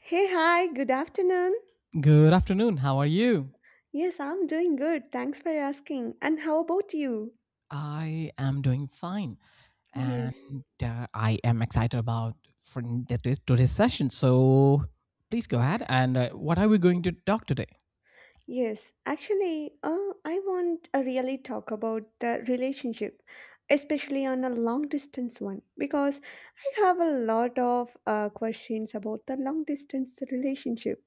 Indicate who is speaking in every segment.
Speaker 1: Hey, hi, good afternoon.
Speaker 2: Good afternoon. How are you?
Speaker 1: Yes, I'm doing good. Thanks for asking. And how about you?
Speaker 2: I am doing fine,
Speaker 1: Yes.
Speaker 2: and I am excited about for today's session. So please go ahead. And what are we going to talk today?
Speaker 1: Yes, actually, I want to really talk about the relationship, especially on a long distance one, because I have a lot of questions about the long distance relationship.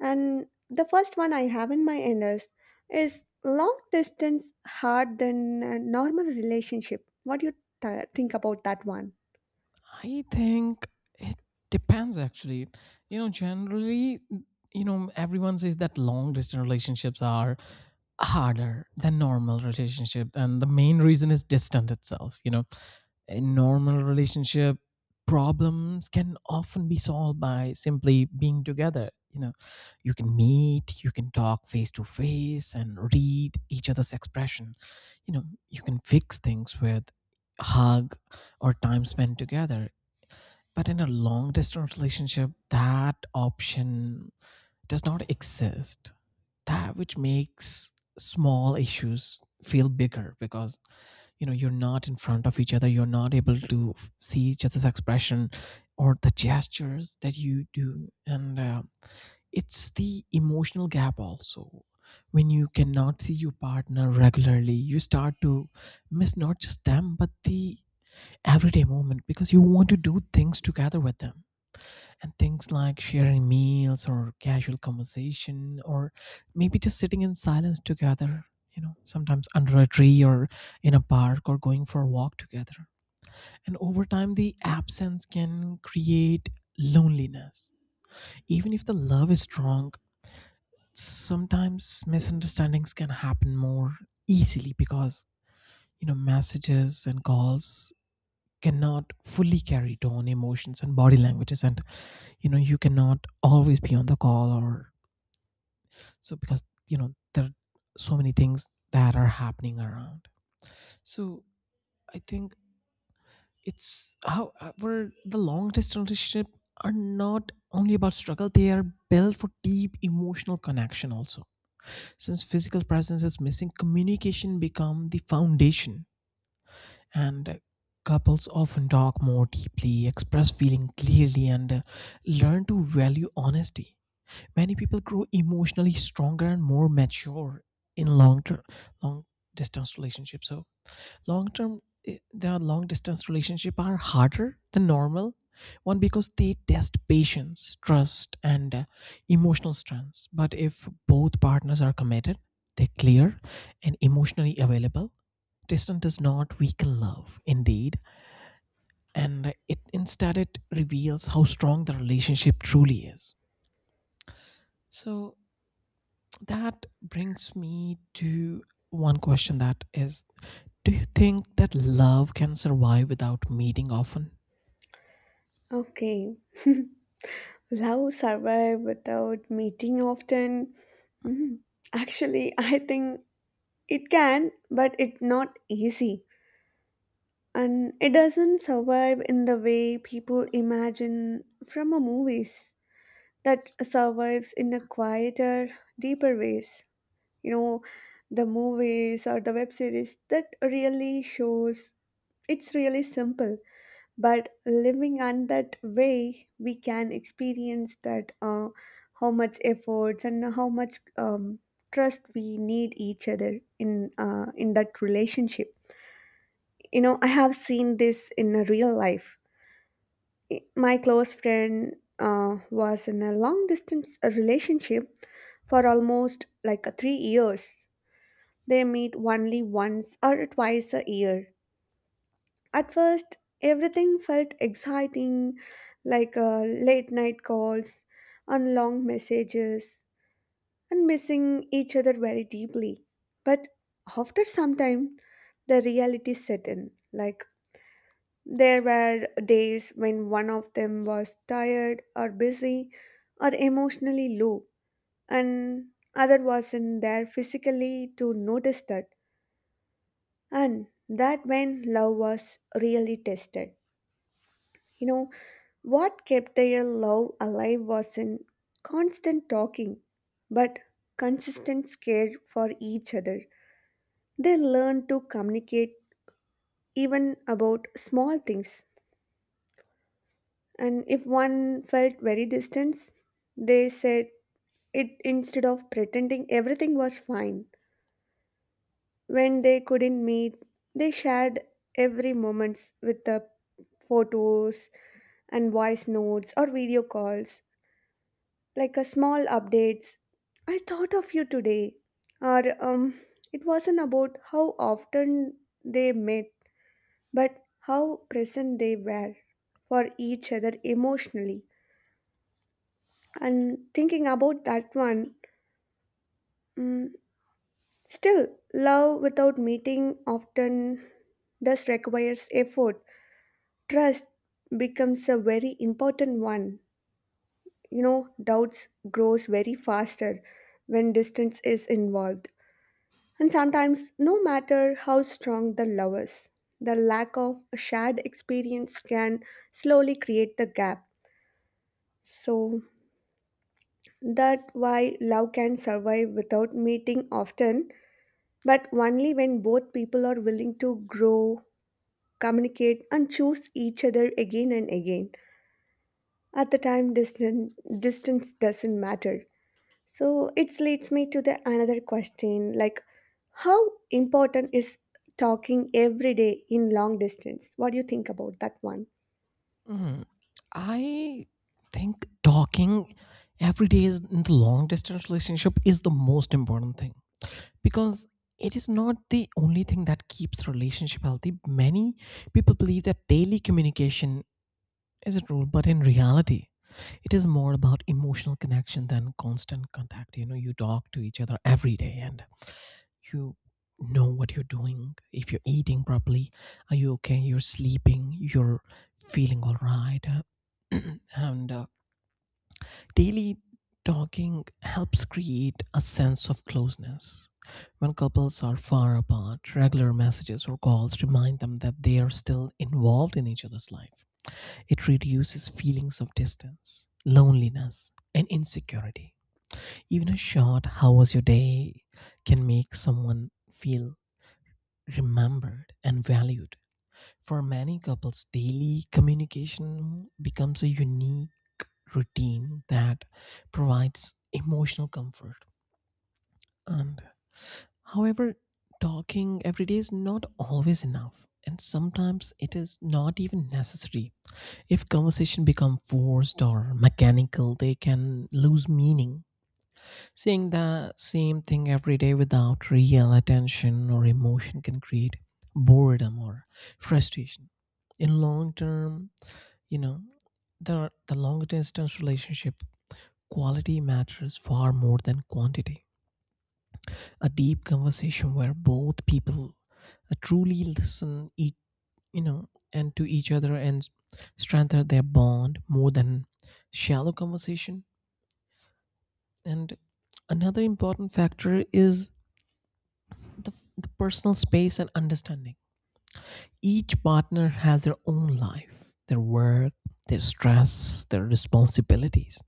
Speaker 1: And the first one I have in my end is long distance hard than a normal relationship? What do you think about that one?
Speaker 2: I think it depends actually. Generally, everyone says that long distance relationships are harder than normal relationship, and the main reason is distance itself, you know. In normal relationship, problems can often be solved by simply being together, you know. You can meet, you can talk face to face and read each other's expression. You know, you can fix things with hug or time spent together, but in a long distance relationship, that option does not exist. That which makes small issues feel bigger because you know you're not in front of each other, you're not able to see each other's expression or the gestures that you do. And it's the emotional gap also. When you cannot see your partner regularly, you start to miss not just them but the everyday moment, because you want to do things together with them, and things like sharing meals or casual conversation or maybe just sitting in silence together, you know, sometimes under a tree or in a park or going for a walk together. And over time the absence can create loneliness even if the love is strong. Sometimes misunderstandings can happen more easily because you know messages and calls cannot fully carry tone, emotions, and body languages. And you know you cannot always be on the call or so, because you know there are so many things that are happening around. So I think it's how, however, the long distance relationship are not only about struggle. They are built for deep emotional connection also. Since physical presence is missing, communication become the foundation, and couples often talk more deeply, express feeling clearly, and learn to value honesty. Many people grow emotionally stronger and more mature in long term long distance relationships. So long term, the long distance relationship are harder than normal one because they test patience, trust, and emotional strengths. But if both partners are committed, they're clear and emotionally available, distance does not weaken love indeed, and it instead it reveals how strong the relationship truly is. So that brings me to one question that is, do you think that love can survive without meeting often?
Speaker 1: Okay. Love survive without meeting often? Mhm. Actually, I think it can, but it's not easy. And it doesn't survive in the way people imagine from a movies that survives in a quieter, deeper ways. You know, the movies or the web series that really shows it's really simple, but living on that way we can experience that how much efforts and how much trust we need each other in in that relationship. You know, I have seen this in a real life. My close friend was in a long distance relationship for almost like 3 years. They meet only once or twice a year. At first, everything felt exciting, like late night calls and long messages, and missing each other very deeply. But after some time, the reality set in. Like, there were days when one of them was tired or busy or emotionally low, and other wasn't there physically to notice that. And that when love was really tested. You know, what kept their love alive was in constant talking, but consistent care for each other. They learned to communicate even about small things, and if one felt very distant, they said it instead of pretending everything was fine. When they couldn't meet, they shared every moment with the photos and voice notes or video calls, like a small updates. I thought of you today. Or it wasn't about how often they met, but how present they were for each other emotionally. And thinking about that one, mm, still, love without meeting often thus requires effort. Trust becomes a very important one. You know, doubts grows very faster when distance is involved. And sometimes, no matter how strong the love is, the lack of a shared experience can slowly create the gap. So that why love can survive without meeting often, but only when both people are willing to grow, communicate, and choose each other again and again. At the time, distance doesn't matter. So it leads me to the another question like how important is talking every day in long distance? What do you think about that one?
Speaker 2: Mm, I think talking every day is in the long distance relationship is the most important thing because it is not the only thing that keeps relationship healthy. Many people believe that daily communication is a rule, but in reality, it is more about emotional connection than constant contact. You know, you talk to each other every day and you know what you're doing, if you're eating properly, are you okay, you're sleeping, you're feeling all right. And daily talking helps create a sense of closeness. When couples are far apart, regular messages or calls remind them that they are still involved in each other's life. It reduces feelings of distance, loneliness, and insecurity. Even a short how was your day can make someone feel remembered and valued. For many couples, daily communication becomes a unique routine that provides emotional comfort. And however, talking every day is not always enough. And sometimes it is not even necessary. If conversation become forced or mechanical, they can lose meaning. Seeing the same thing every day without real attention or emotion can create boredom or frustration. In long term, you know, the long distance relationship quality matters far more than quantity. A deep conversation where both people truly listen each, you know, and to each other and strengthen their bond more than shallow conversation. And another important factor is the personal space and understanding. Each partner has their own life, their work, their stress, their responsibilities.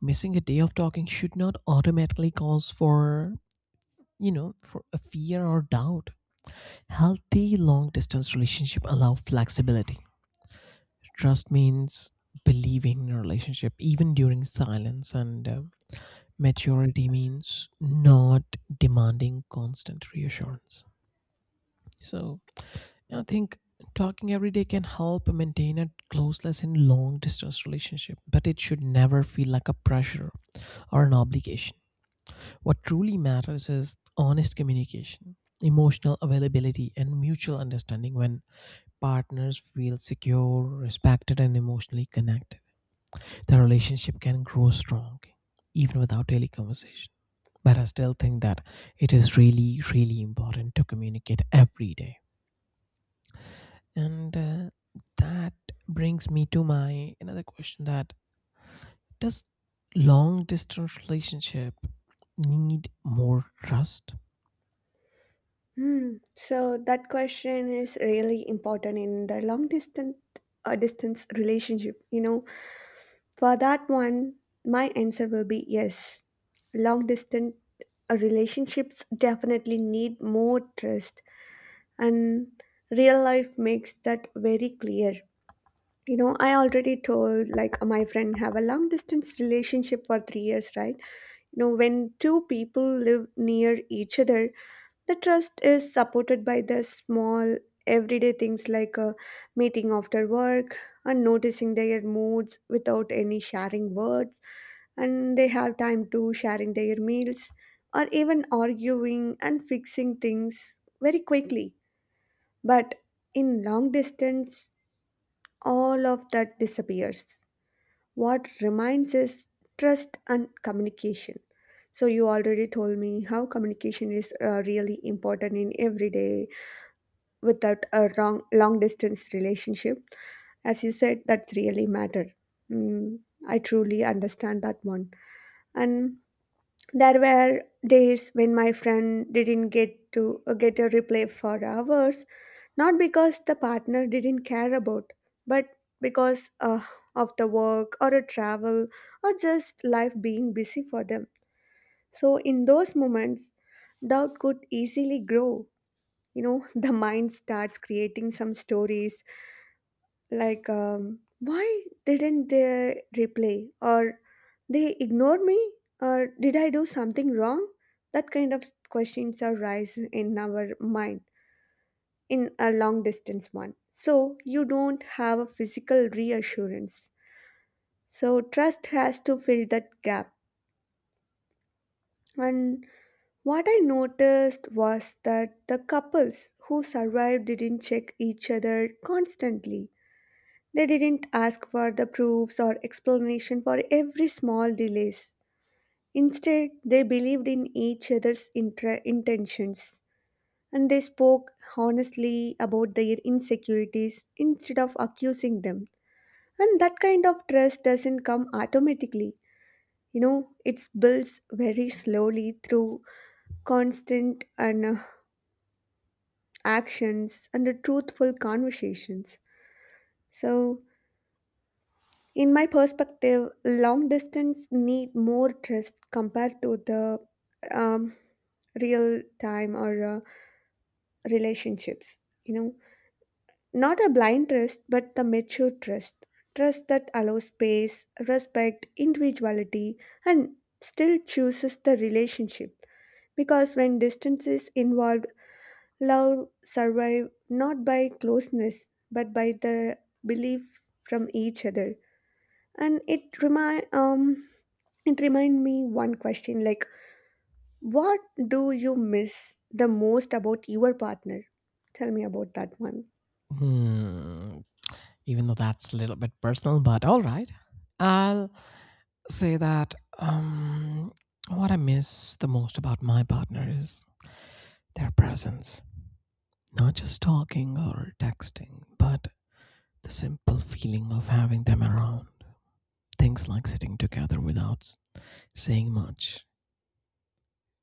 Speaker 2: Missing a day of talking should not automatically cause for, you know, for a fear or doubt. Healthy long distance relationship allow flexibility. Trust means believing in a relationship even during silence, and maturity means not demanding constant reassurance. So I think talking every day can help maintain a closeness in long distance relationship, but it should never feel like a pressure or an obligation. What truly matters is honest communication, emotional availability, and mutual understanding. When partners feel secure, respected, and emotionally connected, the relationship can grow strong even without daily conversation. But I still think that it is really, really important to communicate every day. And that brings me to my another question, that does long distance relationship need more trust?
Speaker 1: Hmm. So that question is really important in the long distance distance relationship. You know, for that one, my answer will be yes. Long distance relationships definitely need more trust, and real life makes that very clear. You know, I already told like my friend have a long distance relationship for 3 years, right? You know, when two people live near each other, the trust is supported by the small everyday things like a meeting after work and noticing their moods without any sharing words, and they have time to sharing their meals or even arguing and fixing things very quickly. But in long distance, all of that disappears. What remains is trust and communication. So you already told me how communication is really important in everyday without a wrong long distance relationship. As you said, that's really matter. Mm, I truly understand that one. And there were days when my friend didn't get to get a reply for hours, not because the partner didn't care about, but because of the work or a travel or just life being busy for them. So, in those moments, doubt could easily grow. You know, the mind starts creating some stories like, why didn't they reply? Or they ignore me? Or did I do something wrong? That kind of questions arise in our mind in a long distance one. So you don't have a physical reassurance. So trust has to fill that gap. And what I noticed was that the couples who survived didn't check each other constantly. They didn't ask for the proofs or explanation for every small delays. Instead, they believed in each other's intentions, and they spoke honestly about their insecurities instead of accusing them. And that kind of trust doesn't come automatically. You know, it builds very slowly through constant and actions and truthful conversations. So, in my perspective, long distance need more trust compared to the um, real time or relationships. You know, not a blind trust, but the mature trust. Trust that allows space, respect, individuality, and still chooses the relationship. Because when distance is involved, love survive not by closeness, but by the belief from each other. And it remind me one question like what do you miss the most about your partner? Tell me about that one.
Speaker 2: Hmm. Even though that's a little bit personal, but all right. I'll say that um, what I miss the most about my partner is their presence. Not just talking or texting, but the simple feeling of having them around. Things like sitting together without saying much,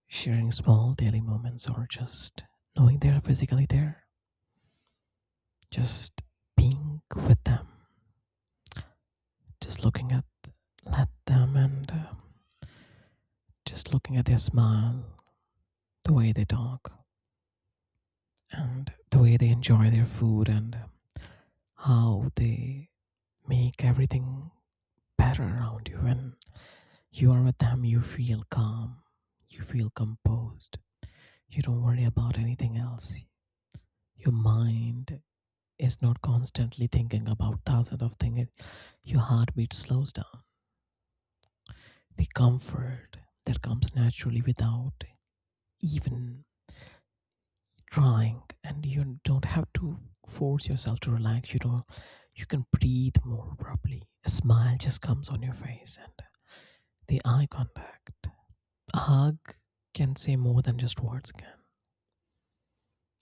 Speaker 2: sharing small daily moments, or just knowing they're physically there, just being with them, just looking at let them, and just looking at their smile, the way they talk, and the way they enjoy their food, and how they make everything better around you. When you are with them, you feel calm, you feel composed, you don't worry about anything else. Your mind is not constantly thinking about thousands of things, your heartbeat slows down. The comfort that comes naturally without even trying, and you don't have to force yourself to relax. You don't. You can breathe more properly. A smile just comes on your face, and the eye contact, a hug, can say more than just words can.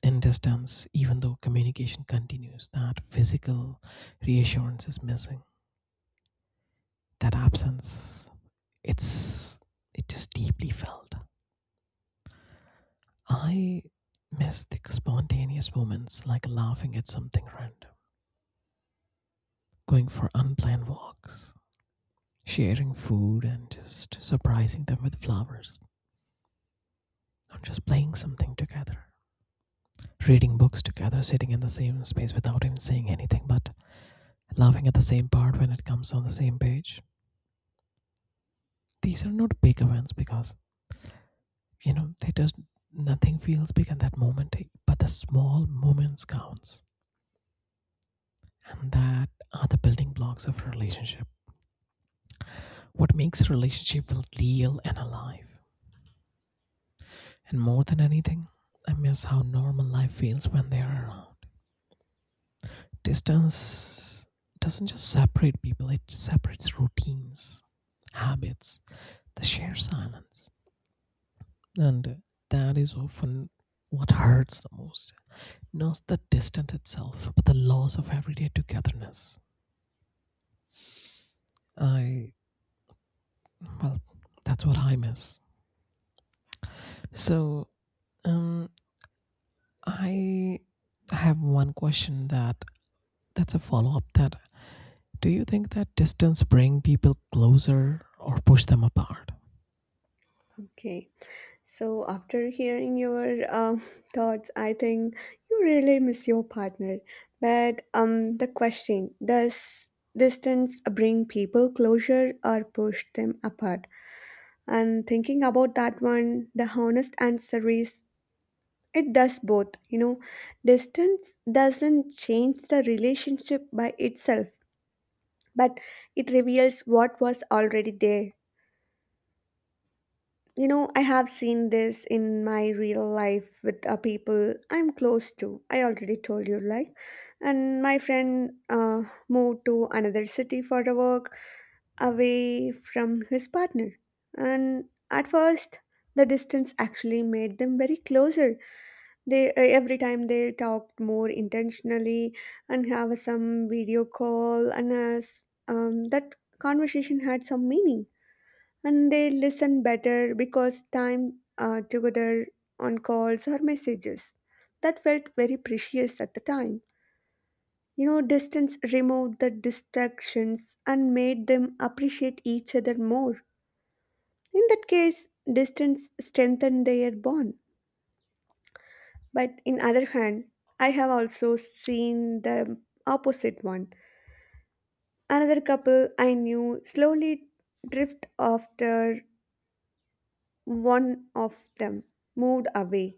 Speaker 2: In distance, even though communication continues, that physical reassurance is missing. That absence, it's it is deeply felt. I miss the spontaneous moments like laughing at something random, going for unplanned walks, sharing food and just surprising them with flowers, or just playing something together, reading books together, sitting in the same space without even saying anything, but laughing at the same part when it comes on the same page. These are not big events because you know they just, nothing feels big at that moment, but the small moments counts, and that are the building blocks of a relationship, what makes a relationship feel real and alive. And more than anything, I miss how normal life feels when they are around. Distance doesn't just separate people, it separates routines, habits, the shared silence. And that is often what hurts the most. Not the distance itself, but the loss of everyday togetherness. I, well, that's what I miss. So, um, I have one question that, that's a follow up, that do you think that distance bring people closer or push them apart?
Speaker 1: Okay. So, after hearing your thoughts, I think you really miss your partner. But the question does distance bring people closer or push them apart? And thinking about that one, the honest answer is it does both. You know, distance doesn't change the relationship by itself, but it reveals what was already there. You know, I have seen this in my real life with people I'm close to. I already told you, like, and my friend moved to another city for the work away from his partner. And at first, the distance actually made them very closer. They every time they talked more intentionally and have some video call and as that conversation had some meaning, and they listen better because time together on calls or messages. That felt very precious at the time. You know, distance removed the distractions and made them appreciate each other more. In that case, distance strengthened their bond. But in other hand, I have also seen the opposite one. Another couple I knew slowly drift after one of them moved away,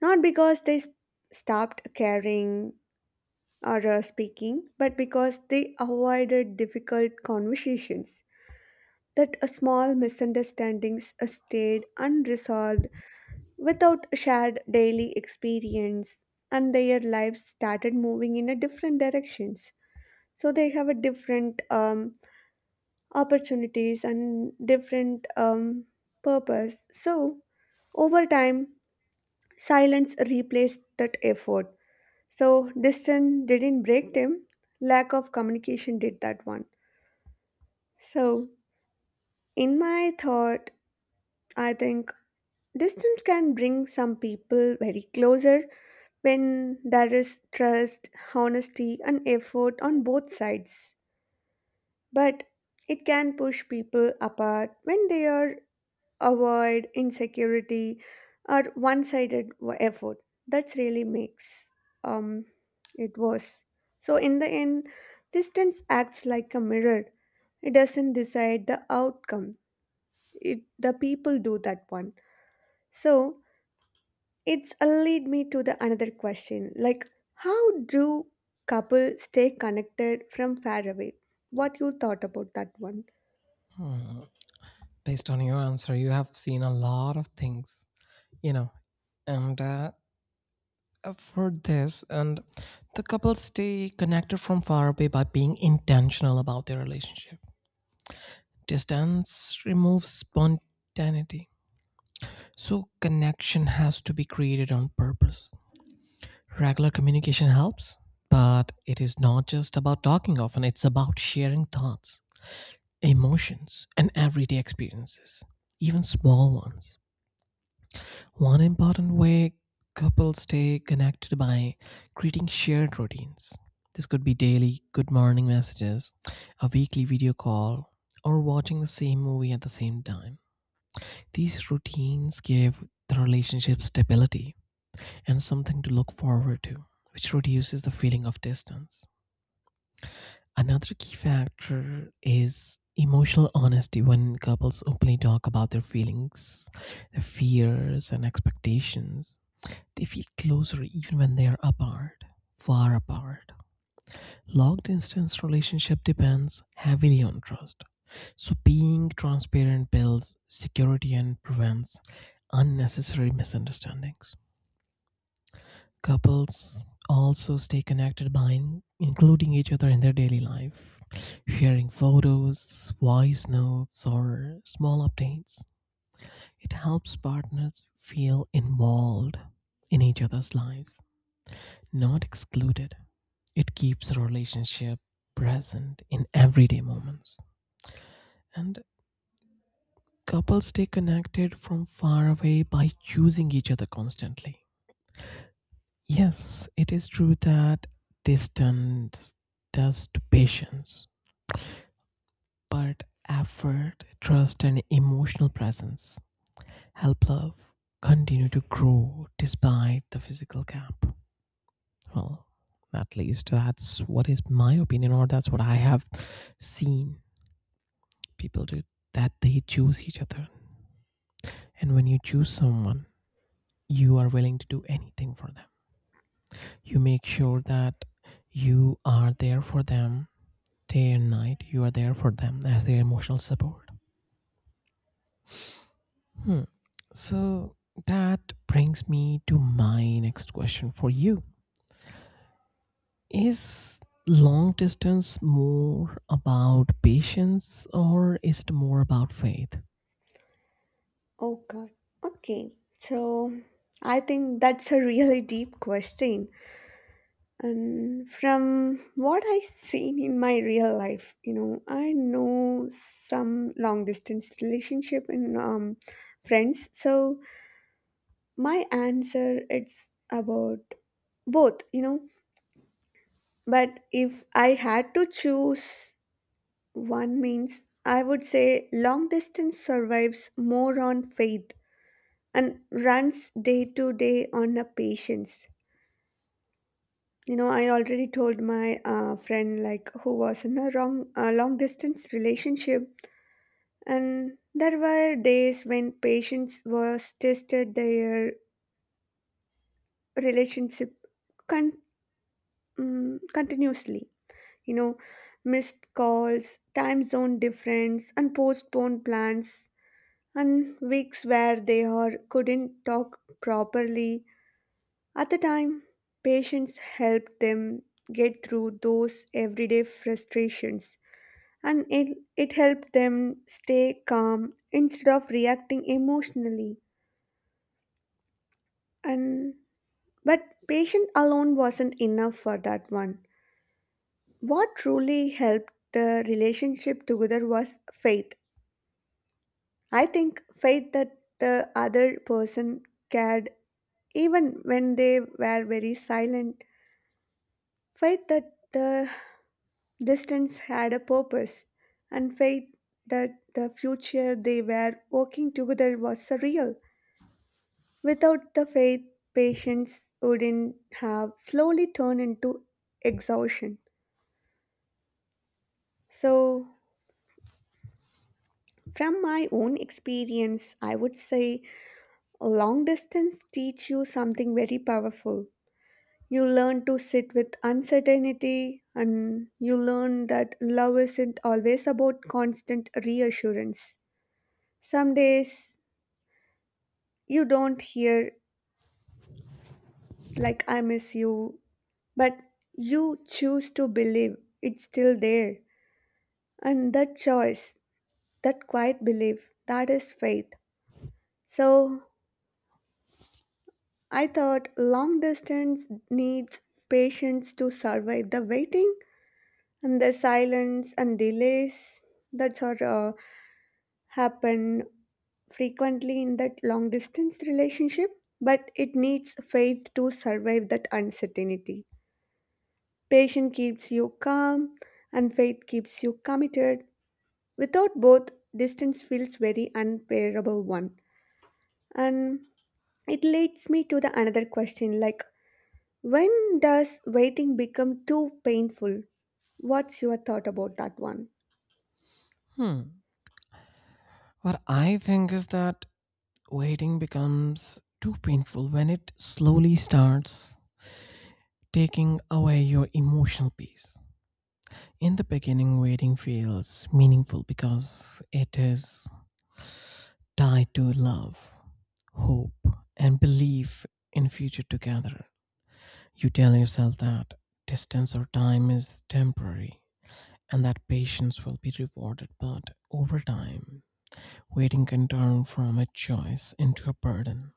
Speaker 1: not because they stopped caring or speaking, but because they avoided difficult conversations. That small misunderstandings stayed unresolved without shared daily experience, and their lives started moving in a different directions. So they have a different opportunities and different purpose. So over time, silence replaced that effort. So distance didn't break them, lack of communication did that one. So, in my thought, I think distance can bring some people very closer when there is trust, honesty, and effort on both sides. But it can push people apart when they are avoid insecurity or one-sided effort. That's really makes um, it worse. So in the end, distance acts like a mirror. It doesn't decide the outcome, it the people do that one. So it's a lead me to the another question like how do couples stay connected from far away? What you thought about that one?
Speaker 2: Hmm. Based on your answer, you have seen a lot of things, you know, and for this, and the couples stay connected from far away by being intentional about their relationship. Distance removes spontaneity, so connection has to be created on purpose. Regular communication helps, but it is not just about talking often, it's about sharing thoughts, emotions, and everyday experiences, even small ones. One important way couples stay connected by creating shared routines. This could be daily good morning messages, a weekly video call, or watching the same movie at the same time. These routines give the relationship stability and something to look forward to, which reduces the feeling of distance. Another key factor is emotional honesty, when couples openly talk about their feelings, their fears, and expectations. They feel closer even when they are apart, far apart. Long distance relationship depends heavily on trust. So being transparent builds security and prevents unnecessary misunderstandings. Couples also stay connected by including each other in their daily life, sharing photos, voice notes, or small updates. It helps partners feel involved in each other's lives, not excluded. It keeps a relationship present in everyday moments. And couples stay connected from far away by choosing each other constantly. Yes, it is true that distance does to patience, but effort, trust, and emotional presence help love continue to grow despite the physical gap. Well, at least that's what is my opinion, or that's what I have seen people do, that they choose each other. And when you choose someone, you are willing to do anything for them. You make sure that you are there for them day and night, you are there for them as their emotional support. Hmm. So that brings me to my next question for you, is long distance more about patience, or is it more about faith?
Speaker 1: Oh God. Okay. So I think that's a really deep question. And from what I've seen in my real life, you know, I know some long distance relationship and friends. So my answer it's about both, you know. But if I had to choose one means, I would say long distance survives more on faith and runs day to day on a patience. You know, I already told my friend like who was in a wrong long distance relationship, and there were days when patience was tested their relationship con- continuously. You know, missed calls, time zone difference, and postponed plans, and weeks where they are couldn't talk properly. At the time, patience helped them get through those everyday frustrations, and it helped them stay calm instead of reacting emotionally. And but patience alone wasn't enough for that one. What truly helped the relationship together was faith. I think faith that the other person cared even when they were very silent. Faith that the distance had a purpose, and faith that the future they were walking together was surreal. Without the faith, patience wouldn't have slowly turned into exhaustion. So, from my own experience, I would say long distance teach you something very powerful. You learn to sit with uncertainty, and you learn that love isn't always about constant reassurance. Some days you don't hear, like, I miss you, but you choose to believe it's still there. And that choice, that quiet belief, that is faith. So I thought long distance needs patience to survive the waiting and the silence and delays that sort of happen frequently in that long distance relationship, but it needs faith to survive that uncertainty. Patience keeps you calm, and faith keeps you committed. Without both, distance feels very unbearable one. And it leads me to the another question like when does waiting become too painful? What's your thought about that one?
Speaker 2: Hmm. What I think is that waiting becomes too painful when it slowly starts taking away your emotional peace. In the beginning, waiting feels meaningful because it is tied to love, hope, and belief in future together. You tell yourself that distance or time is temporary and that patience will be rewarded, but over time, waiting can turn from a choice into a burden.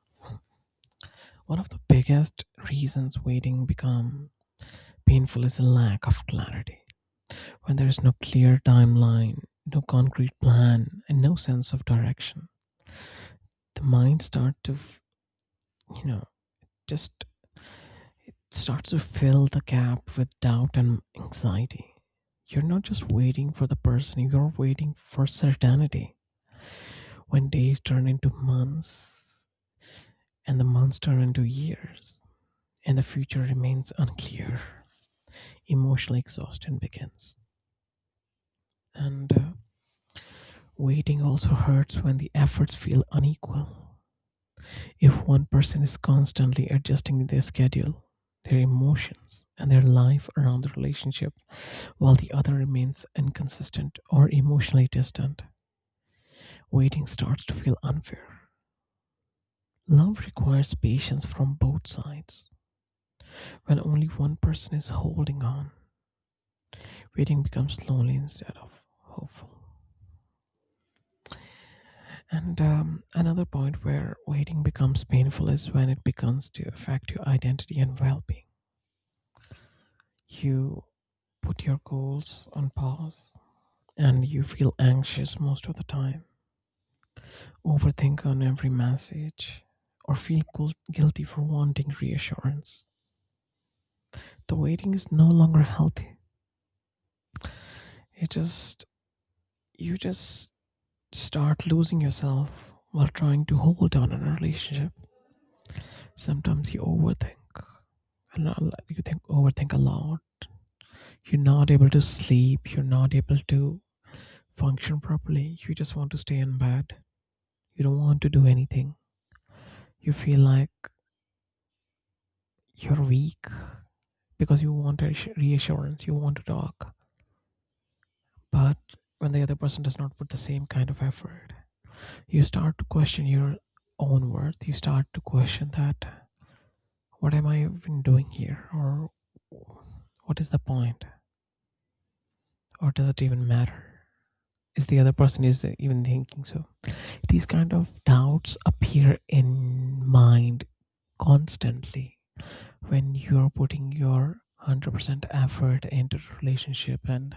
Speaker 2: One of the biggest reasons waiting become painful is a lack of clarity. When there is no clear timeline, no concrete plan, and no sense of direction, the mind starts to, you know, just starts to fill the gap with doubt and anxiety. You're not just waiting for the person, you're waiting for certainty. When days turn into months and the months turn into years, and the future remains unclear, emotional exhaustion begins. And waiting also hurts when the efforts feel unequal. If one person is constantly adjusting their schedule, their emotions, and their life around the relationship, while the other remains inconsistent or emotionally distant, waiting starts to feel unfair. Love requires patience from both sides. When only one person is holding on, waiting becomes lonely instead of hopeful. And another point where waiting becomes painful is when it begins to affect your identity and well being. You put your goals on pause and you feel anxious most of the time, overthink on every message, or feel guilty for wanting reassurance. The waiting is no longer healthy. It just, you just start losing yourself while trying to hold on in a relationship. Sometimes you overthink. You think overthink a lot. You're not able to sleep. You're not able to function properly. You just want to stay in bed. You don't want to do anything, you feel like you're weak because you want a reassurance, you want to talk. But when the other person does not put the same kind of effort, you start to question your own worth. You start to question that, what am I even doing here? Or what is the point? Or does it even matter? Is the other person is even thinking so? These kind of doubts appear in mind constantly when you're putting your 100% effort into the relationship, and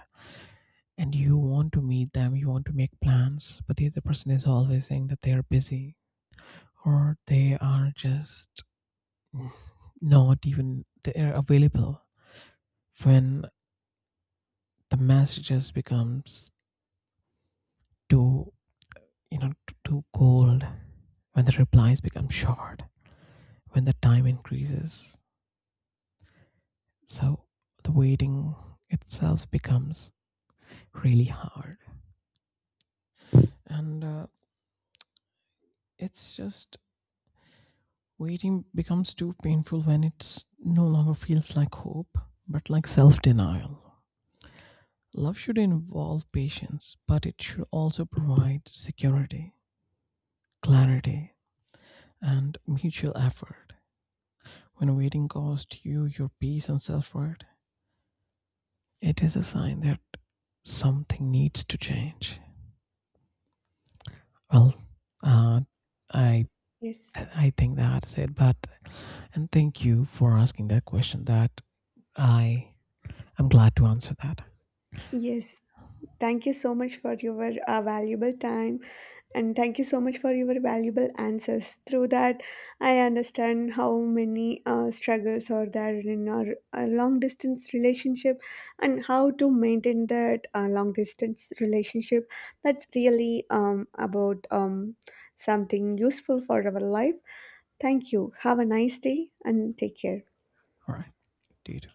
Speaker 2: and you want to meet them, you want to make plans, but the other person is always saying that they are busy, or they are just not even they're available. When the messages becomes too, you know, too cold, when the replies become short, when the time increases, so the waiting itself becomes really hard. And it's just, waiting becomes too painful when it no longer feels like hope, but like self denial. Love should involve patience, but it should also provide security, clarity, and mutual effort. When waiting costs you your peace and self worth, it is a sign that something needs to change. Well, uh, I
Speaker 1: Yes.
Speaker 2: I think that's it. But and thank you for asking that question. That I am glad to answer that.
Speaker 1: Yes. Thank you so much for your valuable time. And thank you so much for your valuable answers. Through that, I understand how many struggles are there in our long distance relationship and how to maintain that long distance relationship. That's really about something useful for our life. Thank you. Have a nice day and take care.
Speaker 2: All right. Dude.